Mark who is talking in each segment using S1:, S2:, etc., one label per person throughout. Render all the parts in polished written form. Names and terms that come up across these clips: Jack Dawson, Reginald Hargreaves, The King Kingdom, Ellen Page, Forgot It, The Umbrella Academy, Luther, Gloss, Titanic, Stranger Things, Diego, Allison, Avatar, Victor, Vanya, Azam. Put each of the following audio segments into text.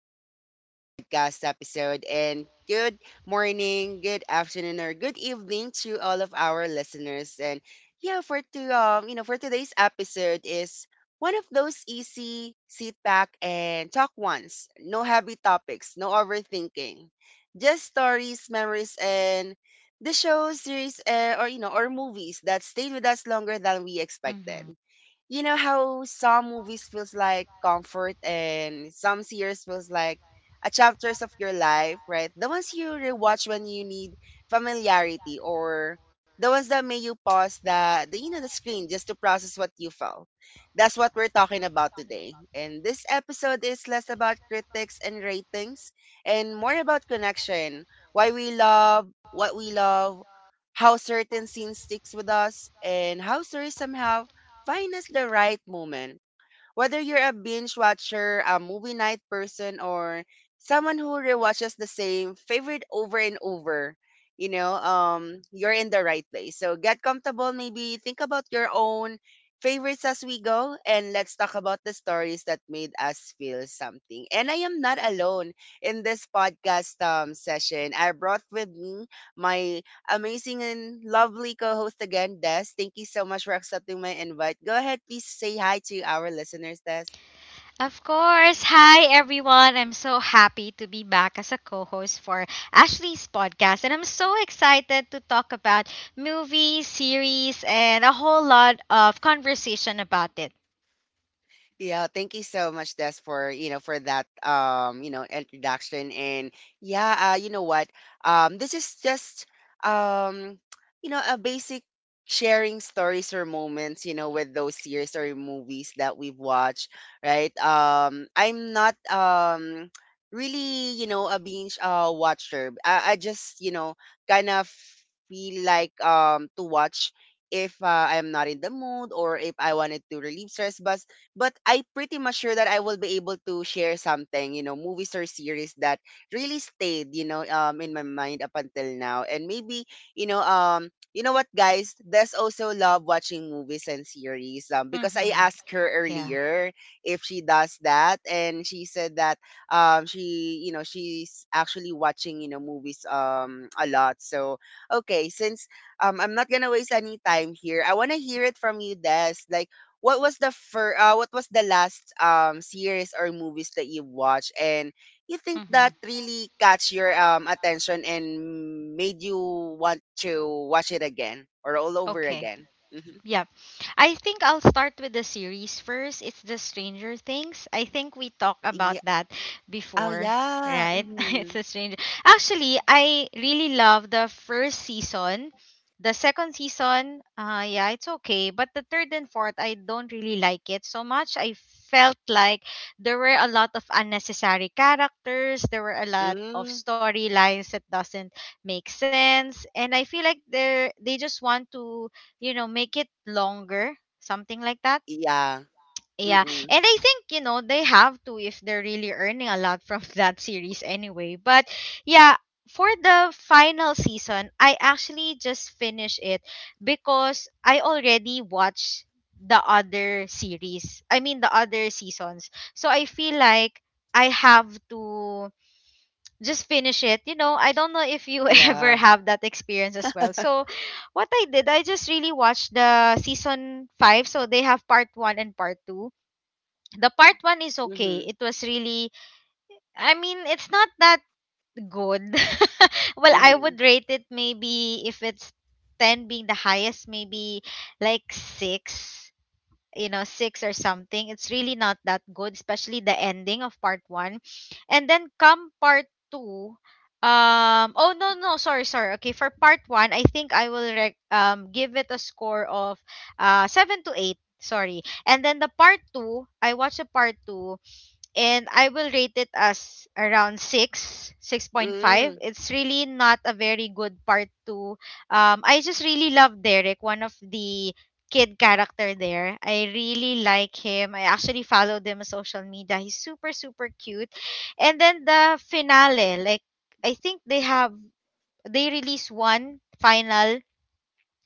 S1: to our podcast episode, and good morning, good afternoon, or good evening to all of our listeners. And yeah, for to you know, for today's episode is one of those easy sit back and talk ones. No heavy topics, no overthinking. Just stories, memories, and the shows, series, or movies that stayed with us longer than we expected.
S2: Mm-hmm.
S1: You know how some movies feels like comfort and some series feels like a chapters of your life, right? The ones you rewatch when you need familiarity, or the ones that make you pause the you know the screen just to process what you felt. That's what we're talking about today. And this episode is less about critics and ratings and more about connection. Why we love what we love, how certain scenes sticks with us, and how stories somehow find us the right moment. Whether you're a binge watcher, a movie night person, or someone who rewatches the same favorite over and over, you're in the right place. So get comfortable, maybe think about your own favorites as we go, and let's talk about the stories that made us feel something. And I am not alone in this podcast session. I brought with me my amazing and lovely co-host again, Des. Thank you so much for accepting my invite. Go ahead, please say hi to our listeners, Des.
S2: Of course. Hi, everyone. I'm so happy to be back as a co host for Ashley's podcast. And I'm so excited to talk about movies, series, and a whole lot of conversation about it.
S1: Yeah, thank you so much, Des, for that introduction. And yeah, you know what, this is just um you know a basic sharing stories or moments, you know, with those series or movies that we've watched, right? I'm not really, you know, a binge watcher. I just, you know, kind of feel like to watch if I'm not in the mood or if I wanted to relieve stress. But I pretty much sure that I will be able to share something, you know, movies or series that really stayed, you know, in my mind up until now. And maybe, you know what guys, Des also love watching movies and series
S2: Mm
S1: because I
S2: hmm.
S1: asked her
S2: Yeah.
S1: earlier if she does that, and she said that she, you know, she's actually watching, you know, movies a lot. So, okay, since I'm not going to waste any time here. I want to hear it from you, Des. Like what was the last series or movies that you watched and you think
S2: Mm hmm.
S1: that really catch your attention and made you want to watch it again or all over
S2: Okay.
S1: again? hmm
S2: Yeah. I think I'll start with the series first. It's the Stranger Things. I think we talked about
S1: Yeah.
S2: that
S1: Oh
S2: before,
S1: yeah.
S2: right? It's
S1: Mm-hmm.
S2: a stranger. Actually, I really love the first season. The second season, yeah, it's okay, but the third and fourth I don't really like it so much. I felt like there were a lot of unnecessary characters, there were a lot of
S1: Mm-hmm.
S2: storylines that doesn't make sense, and I feel like they just want to, make it longer, something like that.
S1: Yeah.
S2: Yeah.
S1: Mm-mm.
S2: And I think, they have to if they're really earning a lot from that series anyway. But yeah, for the final season, I actually just finished it because I already watched the other series. I mean, the other seasons. So I feel like I have to just finish it. I don't know if you ever
S1: Yeah.
S2: have that experience as well. So, what I did, I just really watched the season 5. So, they have part 1 and part 2. The part 1 is okay.
S1: Mm-hmm.
S2: It was really, I mean, it's not that good. Well, I
S1: Mm-hmm.
S2: would rate it maybe if it's 10 being the highest, maybe like 6, you know six or something. It's really not that good, especially the ending of part one. And then come part two. Oh, no, no, sorry, okay. For part one, I think I will give it a score of 7 to 8, sorry. And then the part two, I watched a part two, and I will rate it as around 6, 6.5.
S1: Mm-hmm.
S2: It's really not a very good part 2. I just really love Derek, one of the kid character there. I really like him. I actually followed him on social media. He's super, super cute. And then the finale, like, I think they release one final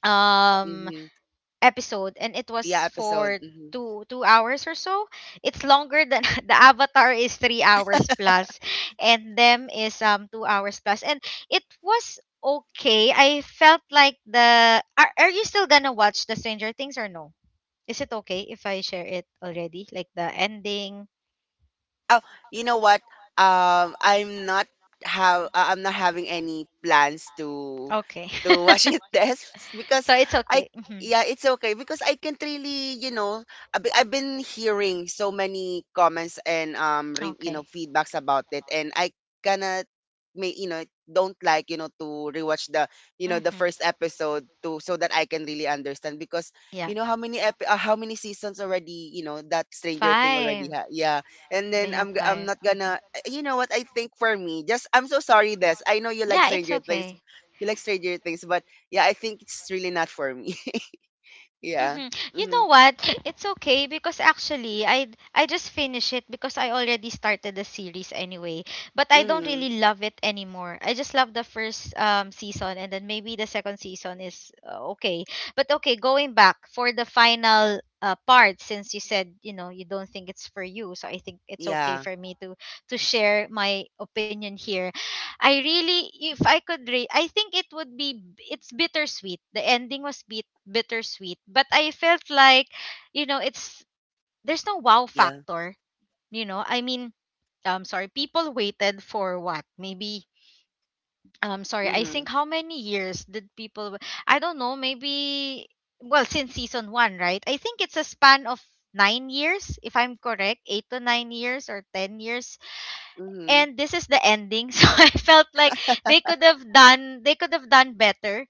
S2: um
S1: Mm-hmm.
S2: episode, and it
S1: Yeah.
S2: was
S1: Episode.
S2: for
S1: Mm-hmm.
S2: two hours or so. It's longer than the Avatar is 3 hours plus, and them is 2 hours plus, and it was okay. I felt like the, are you still gonna watch the Stranger Things, or no? Is it okay if I share it already, like the ending?
S1: Oh, you know what? Um, I'm not I'm not having any plans
S2: Okay,
S1: to wash it this because
S2: so it's
S1: I
S2: okay. Hmm.
S1: yeah, it's okay, because I can't really, you know, I've been hearing so many comments and re, you know
S2: Okay.
S1: feedbacks about it. And I cannot may you know don't like, you know, to rewatch the, you know, the first
S2: Mm-hmm.
S1: episode to so that I can really understand, because
S2: Yeah,
S1: you know how many how many seasons already, you know, that Stranger Thing already
S2: five.
S1: yeah. And
S2: They
S1: then
S2: have
S1: I'm
S2: 5.
S1: not
S2: Mm-hmm.
S1: gonna you know what, I think for me just, I'm so sorry Des, I know
S2: Yeah, it's okay.
S1: You like Stranger Things, but yeah, I think it's really not for me.
S2: Mm-hmm. You
S1: Yeah.
S2: know what?
S1: Mhm.
S2: It's okay because actually I just finished it because I already started the series anyway. But I don't really
S1: Mhm.
S2: love it anymore. I just love the first season, and then maybe the second season is, okay. But okay, going back for the final, part, since you said, you don't think it's for you. So I think it's okay
S1: Yeah.
S2: for me to share my opinion here. I really, if I could rate, I think it would be, it's bittersweet. The ending was bit bittersweet, but I felt like, it's there's no wow
S1: Yeah.
S2: factor. You know, I mean, sorry, people waited for what? Maybe, sorry, I
S1: Mhm.
S2: think how many years did people? I don't know. Maybe, well, since season one, right? I think it's a span of 9 years, if I'm correct, 8 to 9 years, or 10 years,
S1: Mhm.
S2: and this is the ending. So I felt like they could have done better.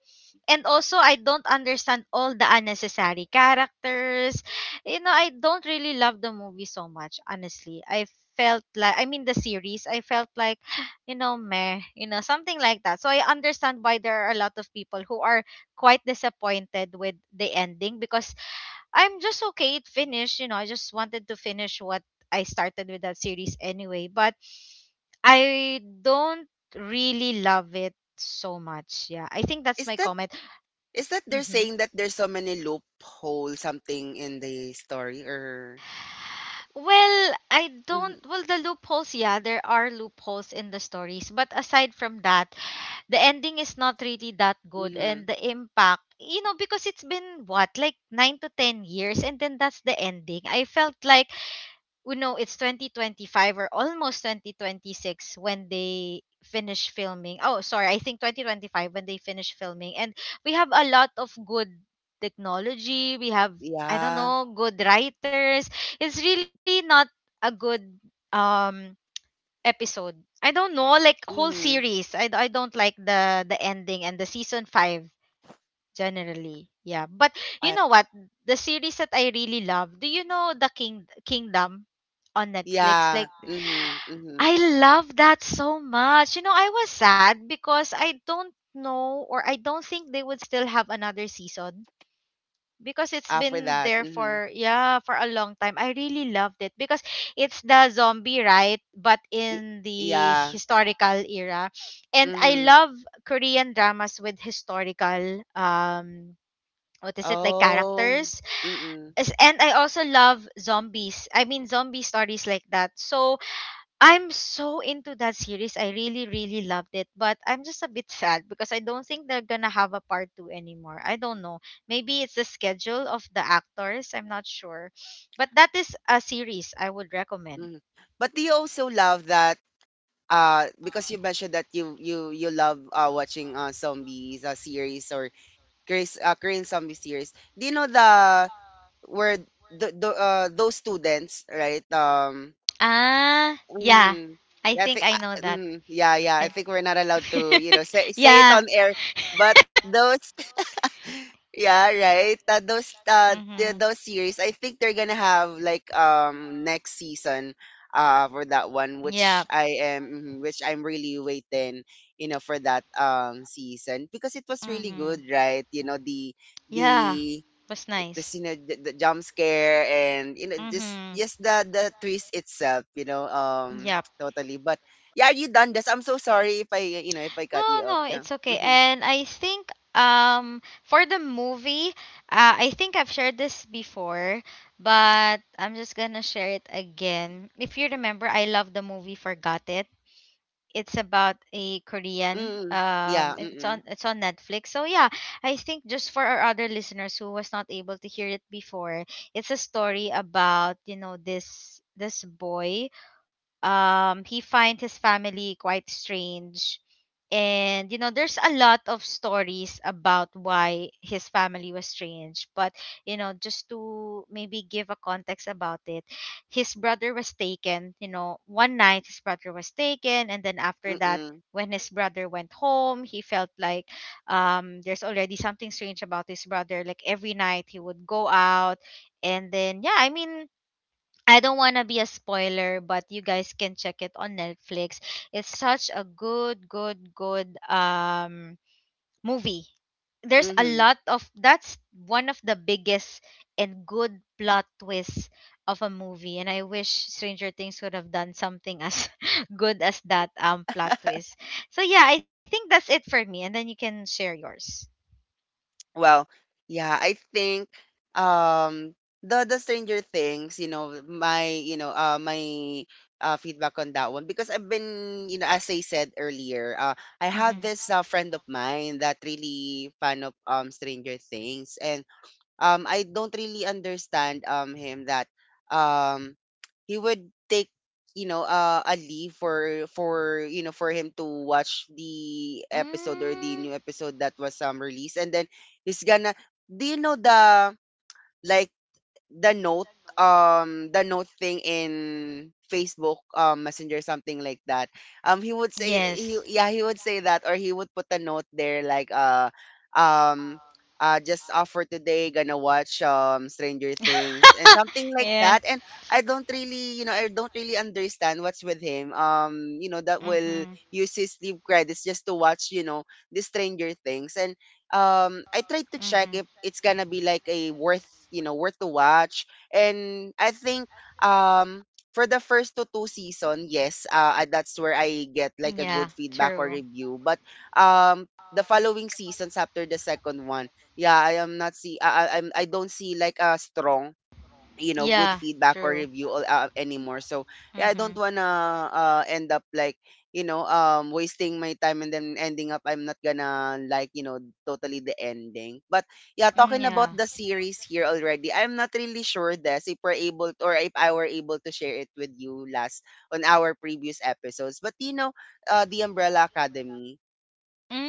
S2: And also I don't understand all the unnecessary characters. You know, I don't really love the movie so much, honestly. I felt like I mean, the series, I felt like, meh, something like that. So I understand why there are a lot of people who are quite disappointed with the ending, because I'm just okay. It finished. I just wanted to finish what I started with that series anyway, but I don't really love it so much. Yeah, I think that's
S1: Is
S2: my
S1: that,
S2: comment.
S1: is that they're
S2: Hmm.
S1: saying that there's so many loophole something in the story, or
S2: Well, I
S1: mhm.
S2: don't. Well, the loopholes, yeah, there are loopholes in the stories. But aside from that, the ending is not really that good. And
S1: Mhm.
S2: the impact, because it's been what, like nine to 10 years, and then that's the ending. I felt like we know it's 2025 or almost 2026 when they finish filming. Oh, sorry, I think 2025 when they finish filming. And we have a lot of good technology. We have, I don't
S1: Yeah.
S2: know, good writers. It's really not a good um episode. I don't know, like whole
S1: Mhm.
S2: series. I don't like the ending and the season 5 generally. Yeah. But you
S1: I,
S2: know what? The series that I really love. Do you know The King Kingdom on Netflix?
S1: yeah.
S2: Like,
S1: Mhm. Mhm.
S2: I love that so much. You know, I was sad because I don't know, or I don't think they would still have another season, because it's
S1: After
S2: been
S1: that.
S2: there
S1: Mhm.
S2: for, yeah, for a long time. I really loved it because it's the zombie, right? But
S1: Y-
S2: in the
S1: yeah.
S2: historical era. And I
S1: Mhm.
S2: love Korean dramas with historical, what is it, like,
S1: Oh,
S2: characters.
S1: mm-mm, mm,
S2: And I also love zombies. I mean, zombie stories like that. So I'm so into that series. I really, really loved it. But I'm just a bit sad because I don't think they're gonna have a part two anymore. I don't know. Maybe it's the schedule of the actors. I'm not sure. But that is a series I would recommend.
S1: mhm. But do you also love that, because you mentioned that you you love, watching, zombies, series or Koreans, Korean zombie series. Do you know the where the those students, right?
S2: Ah, yeah.
S1: Mm,
S2: I
S1: yeah, I
S2: think
S1: think,
S2: I know that.
S1: mm, yeah, yeah. I
S2: I-
S1: think we're not allowed to, you know, say it
S2: yeah.
S1: on air. But those, yeah, right. Those the,
S2: Mhm.
S1: those series, I think they're gonna have like next season for that one,
S2: Yeah.
S1: which I am mhm, which I'm really waiting, you know, for that season because it was really
S2: Mhm.
S1: good, right? You know the
S2: Yeah.
S1: the
S2: Was
S1: it was,
S2: nice.
S1: you know, the jump scare and, you know, just
S2: Mhm.
S1: the twist itself, you know,
S2: Yeah.
S1: totally. But yeah, are you done this? I'm so sorry if I, you know, if I cut
S2: No,
S1: you off.
S2: no,
S1: Yeah.
S2: it's okay.
S1: Mm-hmm.
S2: And I think for the movie, I think I've shared this before, but I'm just gonna share it again. If you remember, I love the movie Forgot It. It's about a Korean.
S1: Mm. Yeah.
S2: It's on
S1: Mm-mm.
S2: it's on Netflix. So yeah, I think just for our other listeners who was not able to hear it before, it's a story about, this boy. He finds his family quite strange. And, there's a lot of stories about why his family was strange. But, just to maybe give a context about it, his brother was taken. One night his brother was taken. And then after that,
S1: Mm-mm.
S2: when his brother went home, he felt like, there's already something strange about his brother. Like every night he would go out. And then, yeah, I mean, I don't want to be a spoiler, but you guys can check it on Netflix. It's such a good, good, good movie. There's a
S1: Mhm.
S2: lot of that's one of the biggest and good plot twists of a movie, and I wish Stranger Things would have done something as good as that plot twist. So yeah, I think that's it for me, and then you can share yours.
S1: Well, yeah, I think um the Stranger Things, you know, my feedback on that one. Because I've been, you know, as I said earlier, I had
S2: Mm-hmm.
S1: this friend of mine that really fan of Stranger Things. I don't really understand him, that um he would take, you know, a leave for you know, for him to watch the episode or the
S2: Mm,
S1: new episode that was released. And then he's gonna do, you know, the like the note, the note thing in Facebook Messenger, something like that. Um, he would say he,
S2: yes.
S1: yeah, he would say that, or he would put a note there like um just for today gonna watch Stranger Things and something like
S2: Yeah.
S1: that. And I don't really, you know, I don't really understand what's with him, you know, that will
S2: Mm-hmm.
S1: use his sleep credits just to watch, you know, the Stranger Things. And I tried to check
S2: Mm-hmm.
S1: if it's gonna be like a worth, you know, worth to watch. And I think um for the first to two season, yes, that's where I get like
S2: Yeah,
S1: a good feedback
S2: true.
S1: or review. But um the following seasons after the second one, yeah, I am not see I don't see like a strong, you know,
S2: Yeah,
S1: good feedback
S2: true.
S1: or review all, anymore. So yeah, I
S2: Mm-hmm.
S1: don't wanna end up like, you know, wasting my time and then ending up I'm not gonna like, you know, totally the ending. But yeah,
S2: Mm,
S1: talking
S2: yeah.
S1: about the series here already, I'm not really sure this if we're able to, or if I were able to share it with you last on our previous episodes. But, you know, the Umbrella Academy,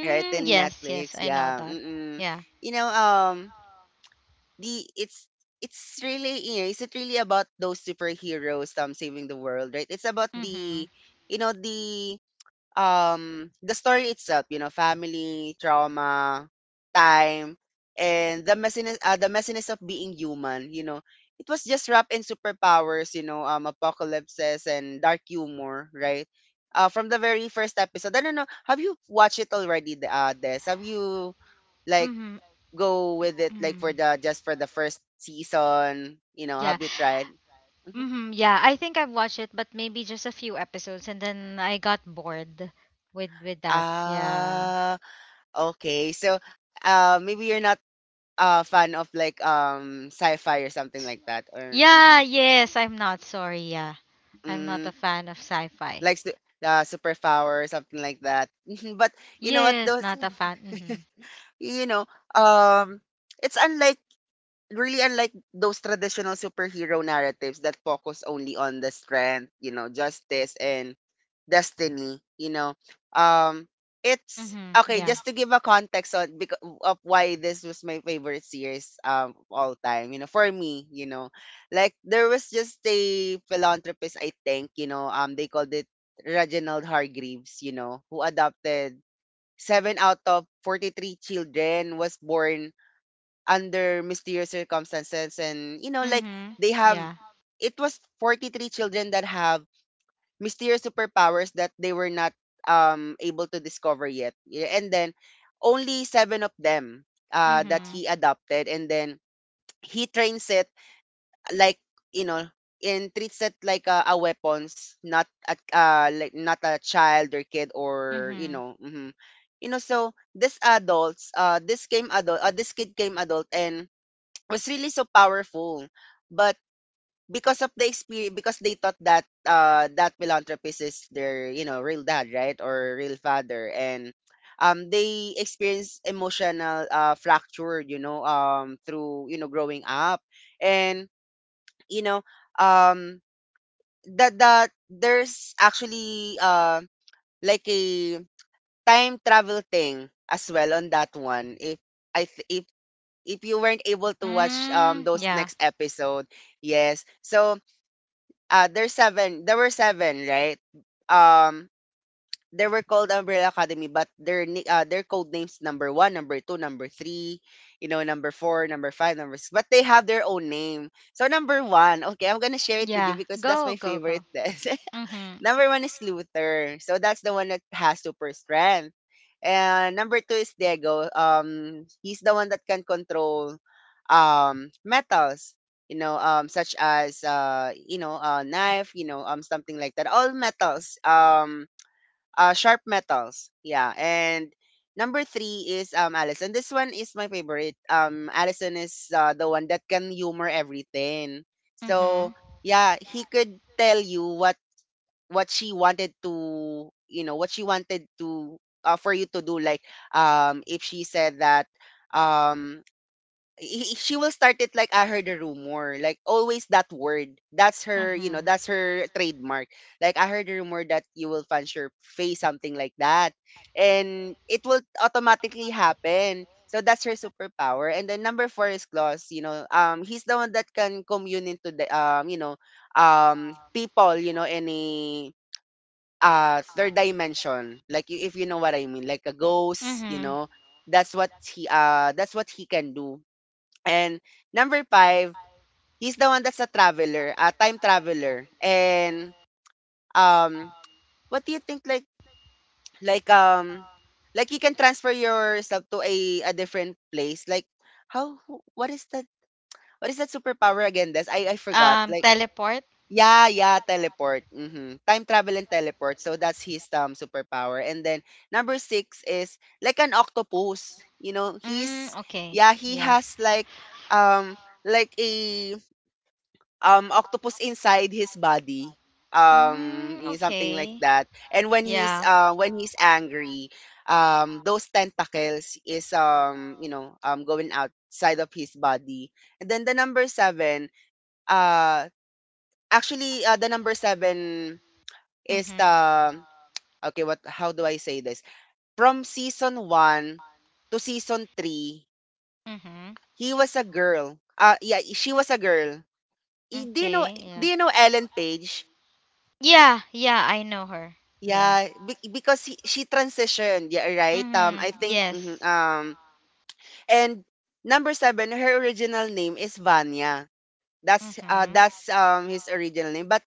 S1: right, in
S2: yes, yes, I
S1: Netflix.
S2: know
S1: Yeah,
S2: that.
S1: mm-mm.
S2: Yeah.
S1: You know, the it's really, you know, isn't really about those superheroes saving the world, right? It's about
S2: Mm-hmm.
S1: the, you know, the story itself, you know, family, trauma, time, and the messiness of being human, you know. It was just wrapped in superpowers, you know, apocalypses and dark humor, right? From the very first episode. I don't know. Have you watched it already, the Des? Have you like
S2: Mm-hmm.
S1: go with it like for
S2: Mm.
S1: the just for the first season? You know,
S2: Yeah.
S1: have you tried? Mhm.
S2: Mm-hmm. Yeah, I think I've watched it, but maybe just a few episodes, and then I got bored with that. Yeah.
S1: Ah, okay. So, maybe you're not a fan of like sci-fi or something
S2: S-
S1: like that, or
S2: Yeah,
S1: mm-hmm.
S2: yes, I'm not sorry. Yeah. I'm not
S1: Mm,
S2: a fan of sci-fi.
S1: like superpower or something like that. Mhm. But, you know what?
S2: Yes,
S1: Those,
S2: not a fan. Mm-hmm.
S1: you know, um, it's unlike really unlike those traditional superhero narratives that focus only on the strength, you know, justice and destiny, you know. Um, it's
S2: Mm-hmm.
S1: okay,
S2: Yeah.
S1: just to give a context on because of why this was my favorite series of all time, you know, for me, you know. Like there was just a philanthropist, I think, you know, they called it Reginald Hargreaves, you know, who adopted seven out of 43 children, was born under mysterious circumstances. And you know, like
S2: Mm-hmm.
S1: they have,
S2: Yeah.
S1: it was 43 children that have mysterious superpowers that they were not able to discover yet. Yeah. And then only seven of them that he
S2: Mm-hmm.
S1: adopted. And then he trains it like, you know, and treats it like a weapons, not like not a child or kid or, you
S2: Mm-hmm.
S1: know, mhm. So this adults this came adult this kid came adult and was really so powerful, but because of the experience, because they thought that that philanthropist is their real dad, right? Or real father. And they experience emotional fracture, through growing up. And you know um that there's actually like a time travel thing as well on that one if i th- if if you weren't able to watch
S2: Mm,
S1: those
S2: yeah.
S1: next episode. Yes, so there's seven, there were seven, right? um they were called Umbrella Academy, but their their code names: number one, number two, number three, number four, number five, number six. But they have their own name. So number one, okay, I'm gonna share it with you
S2: Yeah.
S1: because that's my
S2: Go, go,
S1: favorite
S2: go.
S1: test.
S2: Mhm.
S1: Number one is Luther. So that's the one that has super strength. And number two is Diego. He's the one that can control metals. You know, such as a knife. You know, something like that. All metals. Sharp metals. Yeah. And number three is Allison. This one is my favorite. Allison is the one that can humor everything. So
S2: Mhm.
S1: yeah, he could tell you what she wanted to you know what she wanted to for you to do. Like if she said that, um she will start it like, "I heard a rumor," like always that word. That's her,
S2: Mhm.
S1: that's her trademark. Like, "I heard a rumor that you will punch your face," something like that, and it will automatically happen. So that's her superpower. And then number four is Gloss, he's the one that can commune into the people, any third dimension, like if you know what I mean, like a ghost, you
S2: Mhm.
S1: know. That's what he that's what he can do. And number five, he's the one that's a traveler, a time traveler. And um what do you think, like like um like you can transfer yourself to a different place, like how what is that, what is that superpower again? This I forgot, like.
S2: Teleport.
S1: Yeah, yeah, teleport. Mhm. Time travel and teleport. So that's his superpower. And then number 6 is like an octopus. You know,
S2: Mm,
S1: he's,
S2: okay.
S1: yeah, he
S2: Yeah.
S1: has like a octopus inside his body.
S2: Mm,
S1: Something like
S2: okay.
S1: that. And
S2: Yeah.
S1: when he's angry, those tentacles is going outside of his body. And then the number 7, uh, Actually, the number 7 is the,
S2: Mhm.
S1: okay, what, how do I say this? From season 1 to season 3,
S2: Mhm.
S1: he was a girl. Ah, yeah, she was a girl. Do you know,
S2: Okay.
S1: do
S2: Yeah.
S1: you know Ellen Page?
S2: Yeah, yeah, I know her. Yeah.
S1: Yeah, because she transitioned, yeah, right?
S2: Mhm.
S1: I think, mhm,
S2: Yes.
S1: and number 7, her original name is Vanya.
S2: Mhm.
S1: That's his original name. But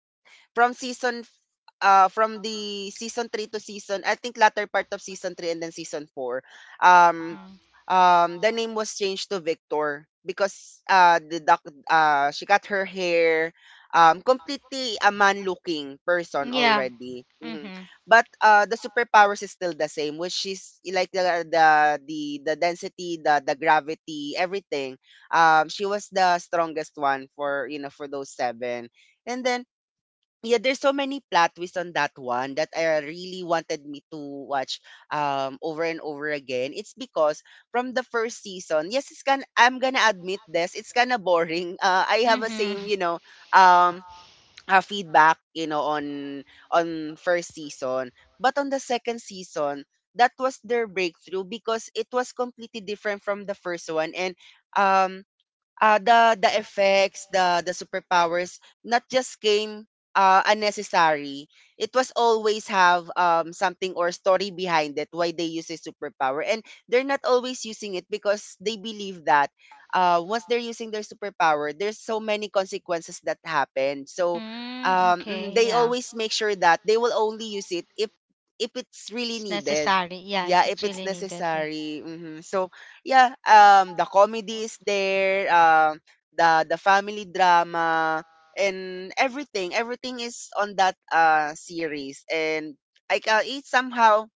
S1: from season f- from the season 3 to season, I think, latter part of season 3, and then season 4, um
S2: Mhm.
S1: the name was changed to Victor because the doc she got her hair completely a man looking person
S2: Yeah.
S1: already. Mhm.
S2: Mhm.
S1: But the superpowers is still the same, which is like the density, the gravity, everything. She was the strongest one for, for those seven. And then yeah, there's so many plot twists on that one that I really wanted me to watch over and over again. It's because from the first season, yes, it's gonna, I'm gonna admit this, it's kinda boring. I have a
S2: Mhm.
S1: same, you know, um feedback, you know, on first season. But on the second season, that was their breakthrough because it was completely different from the first one. And um the effects, the superpowers not just came unnecessary. It was always have something or story behind it why they use a superpower, and they're not always using it because they believe that once they're using their superpower, there's so many consequences that happen. So
S2: Mm,
S1: mhm,
S2: okay,
S1: they
S2: yeah.
S1: always make sure that they will only use it if it's really
S2: It's
S1: needed.
S2: necessary. Yeah, if
S1: Yeah, if
S2: it's
S1: it's
S2: really needed. Yeah.
S1: necessary. Hmm. So yeah, the comedy is there, the family drama and everything. Everything is on that series. And I ca it's somehow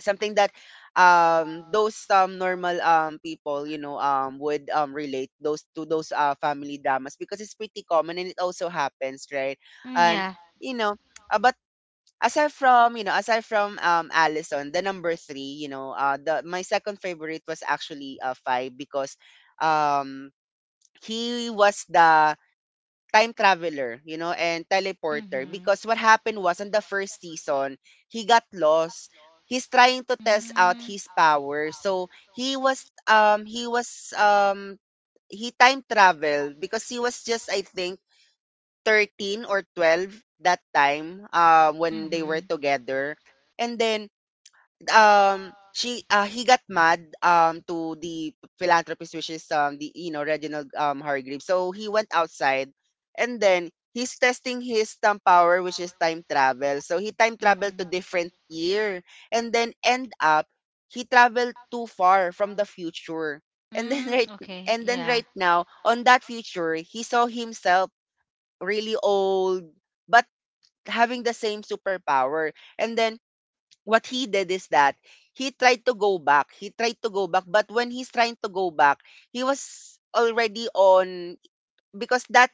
S1: something that those normal people, you know, would relate those to those family dramas because it's pretty common, and it also happens, right?
S2: Mm,
S1: And
S2: yeah.
S1: you know but aside from, aside from Allison, the number three, you know, the my second favorite was actually five. Because um he was the time traveler, you know, and teleporter.
S2: Mhm.
S1: Because what happened was, on the first season, he got lost. He's trying to test out
S2: Mm,
S1: his power, so he was he time traveled because he was just, I think, 13 or 12 that time, when they
S2: mm-hmm,
S1: were together. And then she he got mad to the philanthropist, which is the, you know, Reginald Hargreaves. So he went outside, and then he's testing his time power, which is time travel. So he time traveled to
S2: mm-hmm.
S1: different year, and then end up he traveled too far from the future. And then
S2: Mm,
S1: right,
S2: okay,
S1: and then
S2: yeah.
S1: right now on that future, he saw himself really old, but having the same superpower. And then what he did is that, he tried to go back. He tried to go back, but when he's trying to go back, he was already on, because that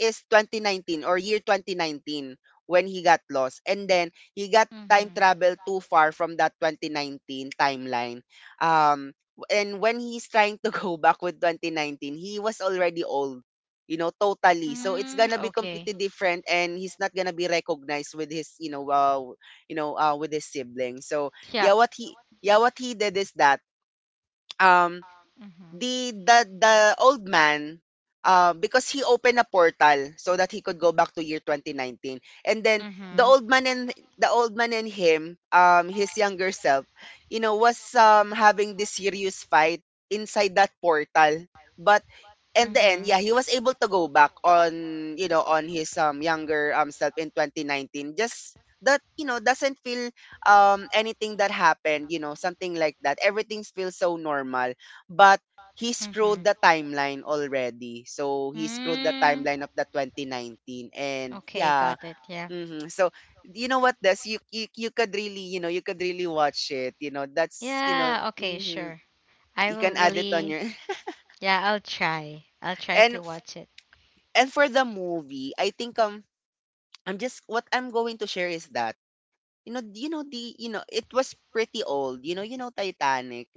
S1: is 2019, or year 2019, when he got lost. And then he got time
S2: Mm-hmm.
S1: travel too far from that 2019 timeline. Um, and when he's trying to go back with 2019, he was already old, you know, totally. So it's
S2: Mm,
S1: gonna be
S2: okay.
S1: completely different, and he's not gonna be recognized with his, with his siblings. So
S2: Yep.
S1: yeah, what he yeah, what he did is that, um
S2: Mm-hmm.
S1: the old man, because he opened a portal so that he could go back to year 2019. And then
S2: Mm-hmm.
S1: the old man and him, his younger self, you know, was having this serious fight inside that portal. But and then
S2: Mm-hmm.
S1: yeah, he was able to go back on, you know, on his younger self in 2019. Just that, you know, doesn't feel anything that happened, you know. Something like that. Everything feels so normal, but he screwed
S2: Mm-hmm.
S1: the timeline already. So he screwed the
S2: Mm,
S1: timeline of the 2019. And
S2: okay,
S1: yeah.
S2: got it. Yeah.
S1: Hmm. So you know what, this, you could really, you know, you could really watch it, you know. That's, you know,
S2: Yeah, okay,
S1: mhm,
S2: sure. I
S1: you
S2: will
S1: can add it on
S2: really,
S1: your
S2: yeah, I'll try. I'll try to
S1: And
S2: watch it.
S1: and for the movie, I think, I'm just what I'm going to share is that, you know, the, it was pretty old. You know, you know, Titanic.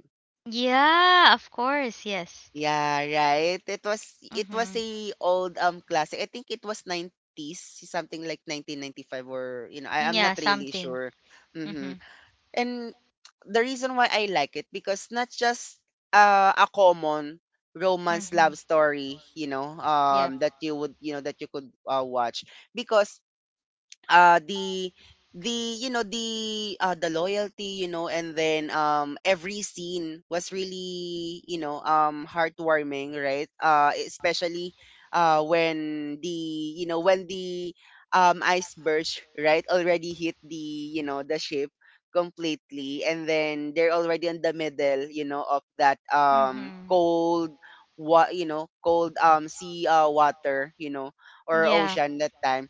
S2: Yeah, of course, yes.
S1: Yeah, right. It was
S2: Mm-hmm.
S1: a old classic. I think it was 90s, something like 1995, or you know, I am
S2: Yeah,
S1: not really
S2: something.
S1: sure. Mhm.
S2: Mm-hmm.
S1: And the reason why I like it, because not just a common romance
S2: Mm-hmm.
S1: love story, you know,
S2: Yep.
S1: that you would, you know, that you could watch, because uh the the, you know, the loyalty, you know. And then every scene was really, you know, heartwarming, right? Especially when the, you know, when the iceberg, right, already hit the, you know, the ship completely. And then they're already in the middle, you know, of that
S2: Mm-hmm.
S1: cold, what you know, cold sea, water, you know, or
S2: Yeah.
S1: ocean that time,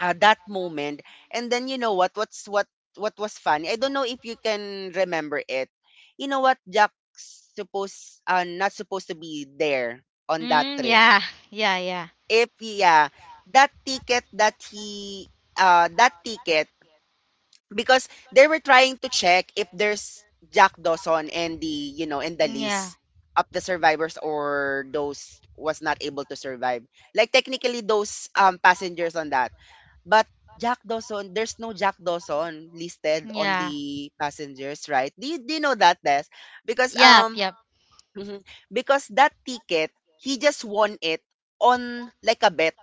S1: that moment. And then, you know what, what was funny, I don't know if you can remember it. You know what, Jack supposed, not supposed to be there on that
S2: Mm,
S1: trip,
S2: yeah. Yeah, yeah.
S1: if, yeah, that ticket that he that ticket, because they were trying to check if there's Jack Dawson and the, you know, and the
S2: Yeah.
S1: list of the survivors, or those was not able to survive, like, technically, those passengers on that. But Jack Dawson, there's no Jack Dawson listed on
S2: Yeah.
S1: the passengers, right? Do you know that, Des? Because
S2: Yep. Yep.
S1: mhm, because that ticket, he just won it on, like, a bet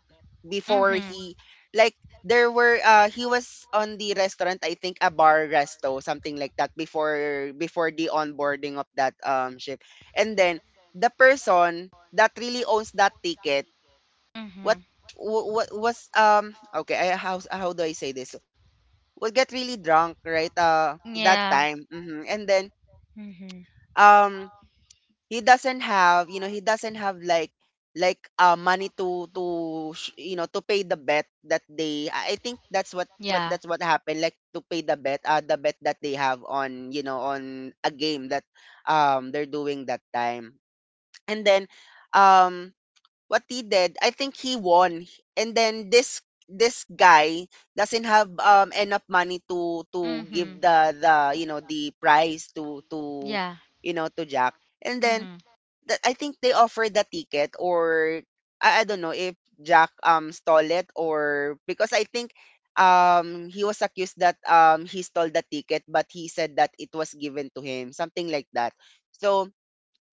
S1: before
S2: Mhm.
S1: he, like, there were, he was on the restaurant, I think, a bar resto, something like that, before, before the onboarding of that ship. And then the person that really owns that ticket, what
S2: Mhm.
S1: what was okay, how do I say this, would get really drunk, right, that
S2: Yeah.
S1: time. Mhm. And then,
S2: Mhm.
S1: um, he doesn't have, you know, he doesn't have like, money to, you know, to pay the bet that they, I think that's what,
S2: Yeah.
S1: that's what happened, like, to pay the bet, the bet that they have on, you know, on a game that, they're doing that time. And then, um, what he did, I think he won. And then this guy doesn't have enough money to
S2: Mhm.
S1: give the prize to
S2: Yeah.
S1: Jack. And then
S2: Mhm.
S1: that I think they offered the ticket, or I don't know if Jack stole it, or because I think he was accused that he stole the ticket, but he said that it was given to him, something like that. So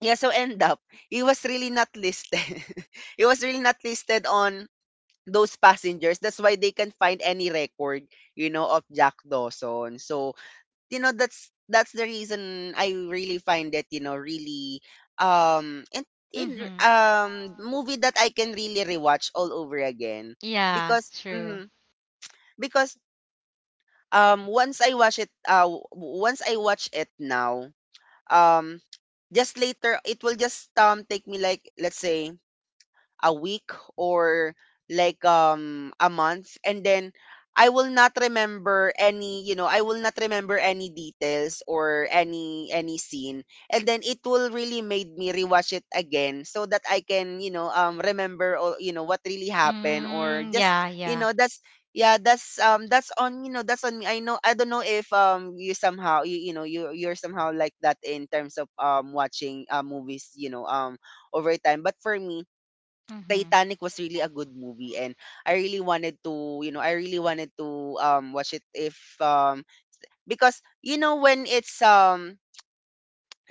S1: yeah, so end up, he was really not listed. He was really not listed on those passengers. That's why they can find any record, you know, of Jack Dawson. So, you know, that's the reason I really find it, you know, really and in
S2: Mhm.
S1: movie that I can really rewatch all over again.
S2: Yeah.
S1: Because
S2: True.
S1: because once I watch it once I watch it now, um just later it will just take me like, let's say, a week or like a month, and then I will not remember any, you know, I will not remember any details or any scene. And then it will really made me rewatch it again, so that I can, you know, remember all, you know, what really happened, or
S2: Mm.
S1: just,
S2: Yeah.
S1: you
S2: Yeah.
S1: know, that's yeah, that's on, you know, that's on me. I know, I don't know if you somehow, you know, you're somehow like that in terms of watching movies, you know, over time. But for me,
S2: Mhm.
S1: Titanic was really a good movie, and I really wanted to, you know, I really wanted to watch it if um because, you know, when it's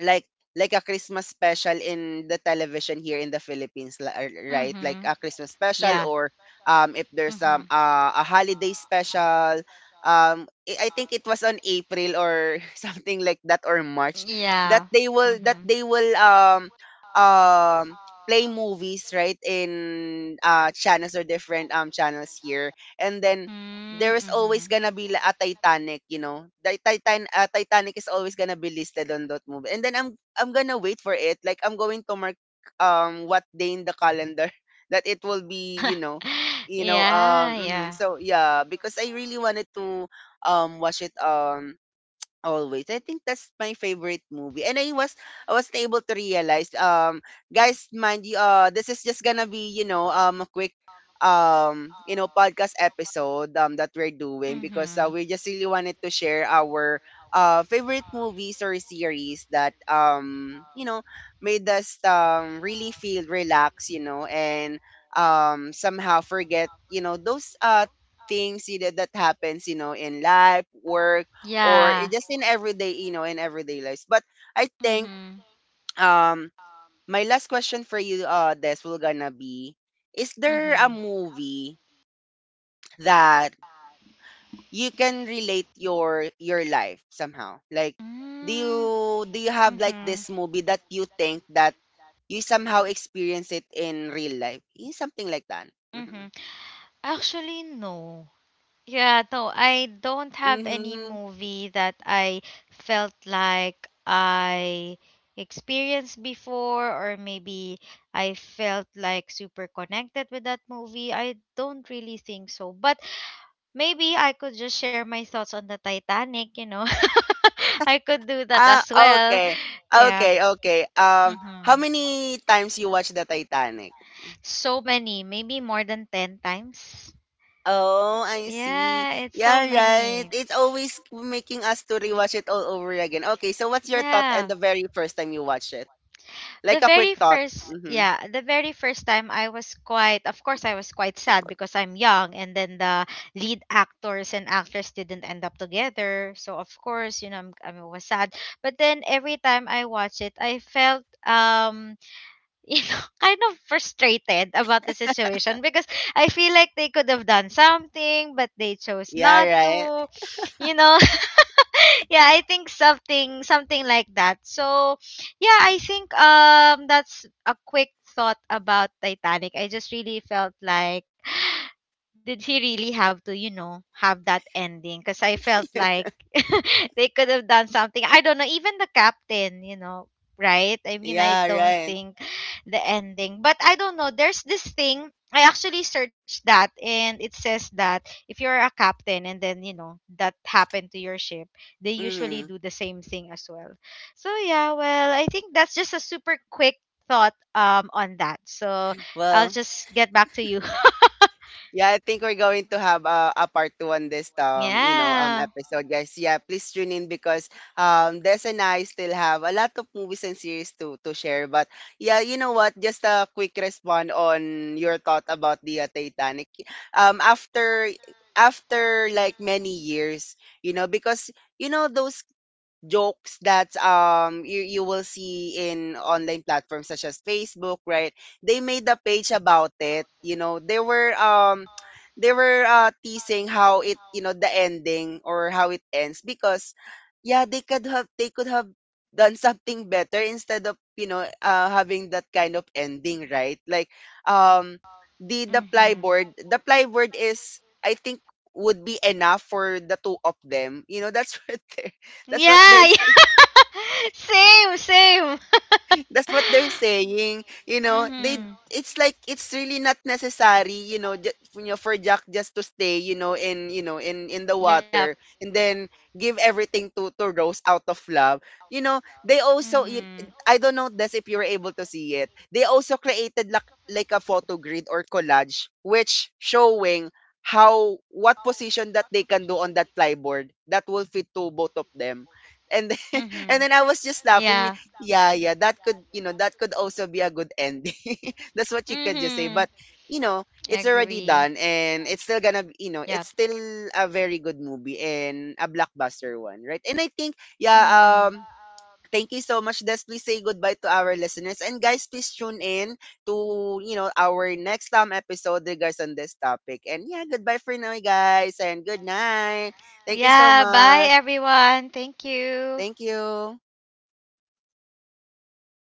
S1: like like a Christmas special in the television here in the Philippines,
S2: Mhm.
S1: right? Like a Christmas
S2: Yeah.
S1: special, or if
S2: Mhm.
S1: there's a holiday special. I think it was on April or something like that, or March,
S2: Yeah.
S1: that
S2: Mhm.
S1: they will um play movies right in channels or different channels here. And then
S2: Mm.
S1: there is
S2: Mhm.
S1: always gonna be li a Titanic, you know? The Titanic is always gonna be listed on that movie. And then I'm gonna wait for it. Like, I'm going to mark what day in the calendar that it will be, you know,
S2: Yeah. Yeah.
S1: So yeah, because I really wanted to watch it always. I think that's my favorite movie. And I was, I was able to realize guys, mind you, this is just gonna be, you know, a quick you know, podcast episode that we're doing, because
S2: Mhm.
S1: we just really wanted to share our favorite movies or series that, you know, made us really feel relaxed, you know, and somehow forget, you know, those things, you know, that happens, you know, in life, work, or
S2: Yeah.
S1: just in everyday, you know, in everyday lives. But I think
S2: Mhm.
S1: um my last question for you, Des, will gonna be: is there a
S2: Mhm.
S1: movie that you can relate your life somehow? Like, do you,
S2: Mm.
S1: do you have like
S2: Mhm.
S1: this movie that you think that you somehow experience it in real life? Eh, something like that. Hmm.
S2: Mhm. Actually, no. Yeah, no, I don't have any
S1: Mm-hmm.
S2: movie that I felt like I experienced before, or maybe I felt like super connected with that movie. I don't really think so. But maybe I could just share my thoughts on the Titanic. I could do that
S1: Ah,
S2: as well.
S1: okay.
S2: Yeah.
S1: Okay, okay. How
S2: Mm-hmm.
S1: many times you watch the Titanic?
S2: So many, maybe more than 10 times.
S1: Oh, I see.
S2: Yeah, it's
S1: Yeah,
S2: so
S1: right.
S2: many.
S1: It's always making us to rewatch it all over again. Okay, so what's your thought and
S2: Yeah.
S1: the very first time you watched it?
S2: the
S1: Like a quick
S2: very
S1: thought.
S2: first
S1: Mm-hmm.
S2: yeah the very first time, I was quite of course, I was quite sad because I'm young. And then the lead actors and actress didn't end up together, so of course, I was sad. But then every time I watch it, I felt kind of frustrated about the situation, because I feel like they could have done something, but they chose
S1: Yeah,
S2: not
S1: right.
S2: to you know yeah, I think something like that. So, yeah, I think that's a quick thought about Titanic. I just really felt like, did he really have to, have that ending? Because I felt like they could have done something. I don't know, even the captain, you know, right? I mean, I
S1: Yeah,
S2: don't
S1: right.
S2: think the ending, but I don't know. There's this thing. I actually searched that, and it says that if you're a captain and then, that happened to your ship, they usually
S1: Mm-hmm.
S2: do the same thing as well. So, yeah, well, I think that's just a super quick thought on that. So, I'll
S1: Well,
S2: just get back to you.
S1: yeah, I think we're going to have a part two on this you know,
S2: Yeah.
S1: episode, guys. Yeah, please tune in, because Des and I still have a lot of movies and series to share. But yeah, you know what? Just a quick response on your thought about the Titanic. After, after like many years, you know, because you know those jokes that you you will see in online platforms such as Facebook, right? They made a page about it. You know, they were teasing how it, you know, the ending, or how it ends, because yeah, they could have done something better instead of, you know, having that kind of ending, right? Like, um the the
S2: Mm-hmm.
S1: plyboard the plyboard is, I think, would be enough for the two of them, you know? That's right there. That's what
S2: Yeah,
S1: they're saying.
S2: yeah. Same, same.
S1: That's what they're saying. You know, they,
S2: Mm-hmm.
S1: it's like it's really not necessary, you know, for Jack just to stay, you know, in, you know, in the
S2: Yep.
S1: water and then give everything to Rose out of love. You know, they also
S2: Mm-hmm.
S1: I don't know this, if you were able to see it. They also created like a photo grid or collage which showing how, what position that they can do on that plyboard that will fit to both of them. And
S2: Mm-hmm.
S1: and then I was just laughing.
S2: Yeah.
S1: Yeah, yeah, that could, you know, that could also be a good ending. That's what you could just say.
S2: Mm-hmm.
S1: But, you know, it's already
S2: Agree.
S1: done, and it's still gonna you know,
S2: Yep.
S1: it's still a very good movie and a blockbuster one, right? And I think, yeah,
S2: Mm-hmm.
S1: thank you so much, Des. Please say goodbye to our listeners. And guys, please tune in to, you know, our next time episode regards on this topic. And yeah, goodbye for now, guys, and good night. Thank you so
S2: Yeah, bye
S1: much.
S2: everyone. Thank you.
S1: Thank you.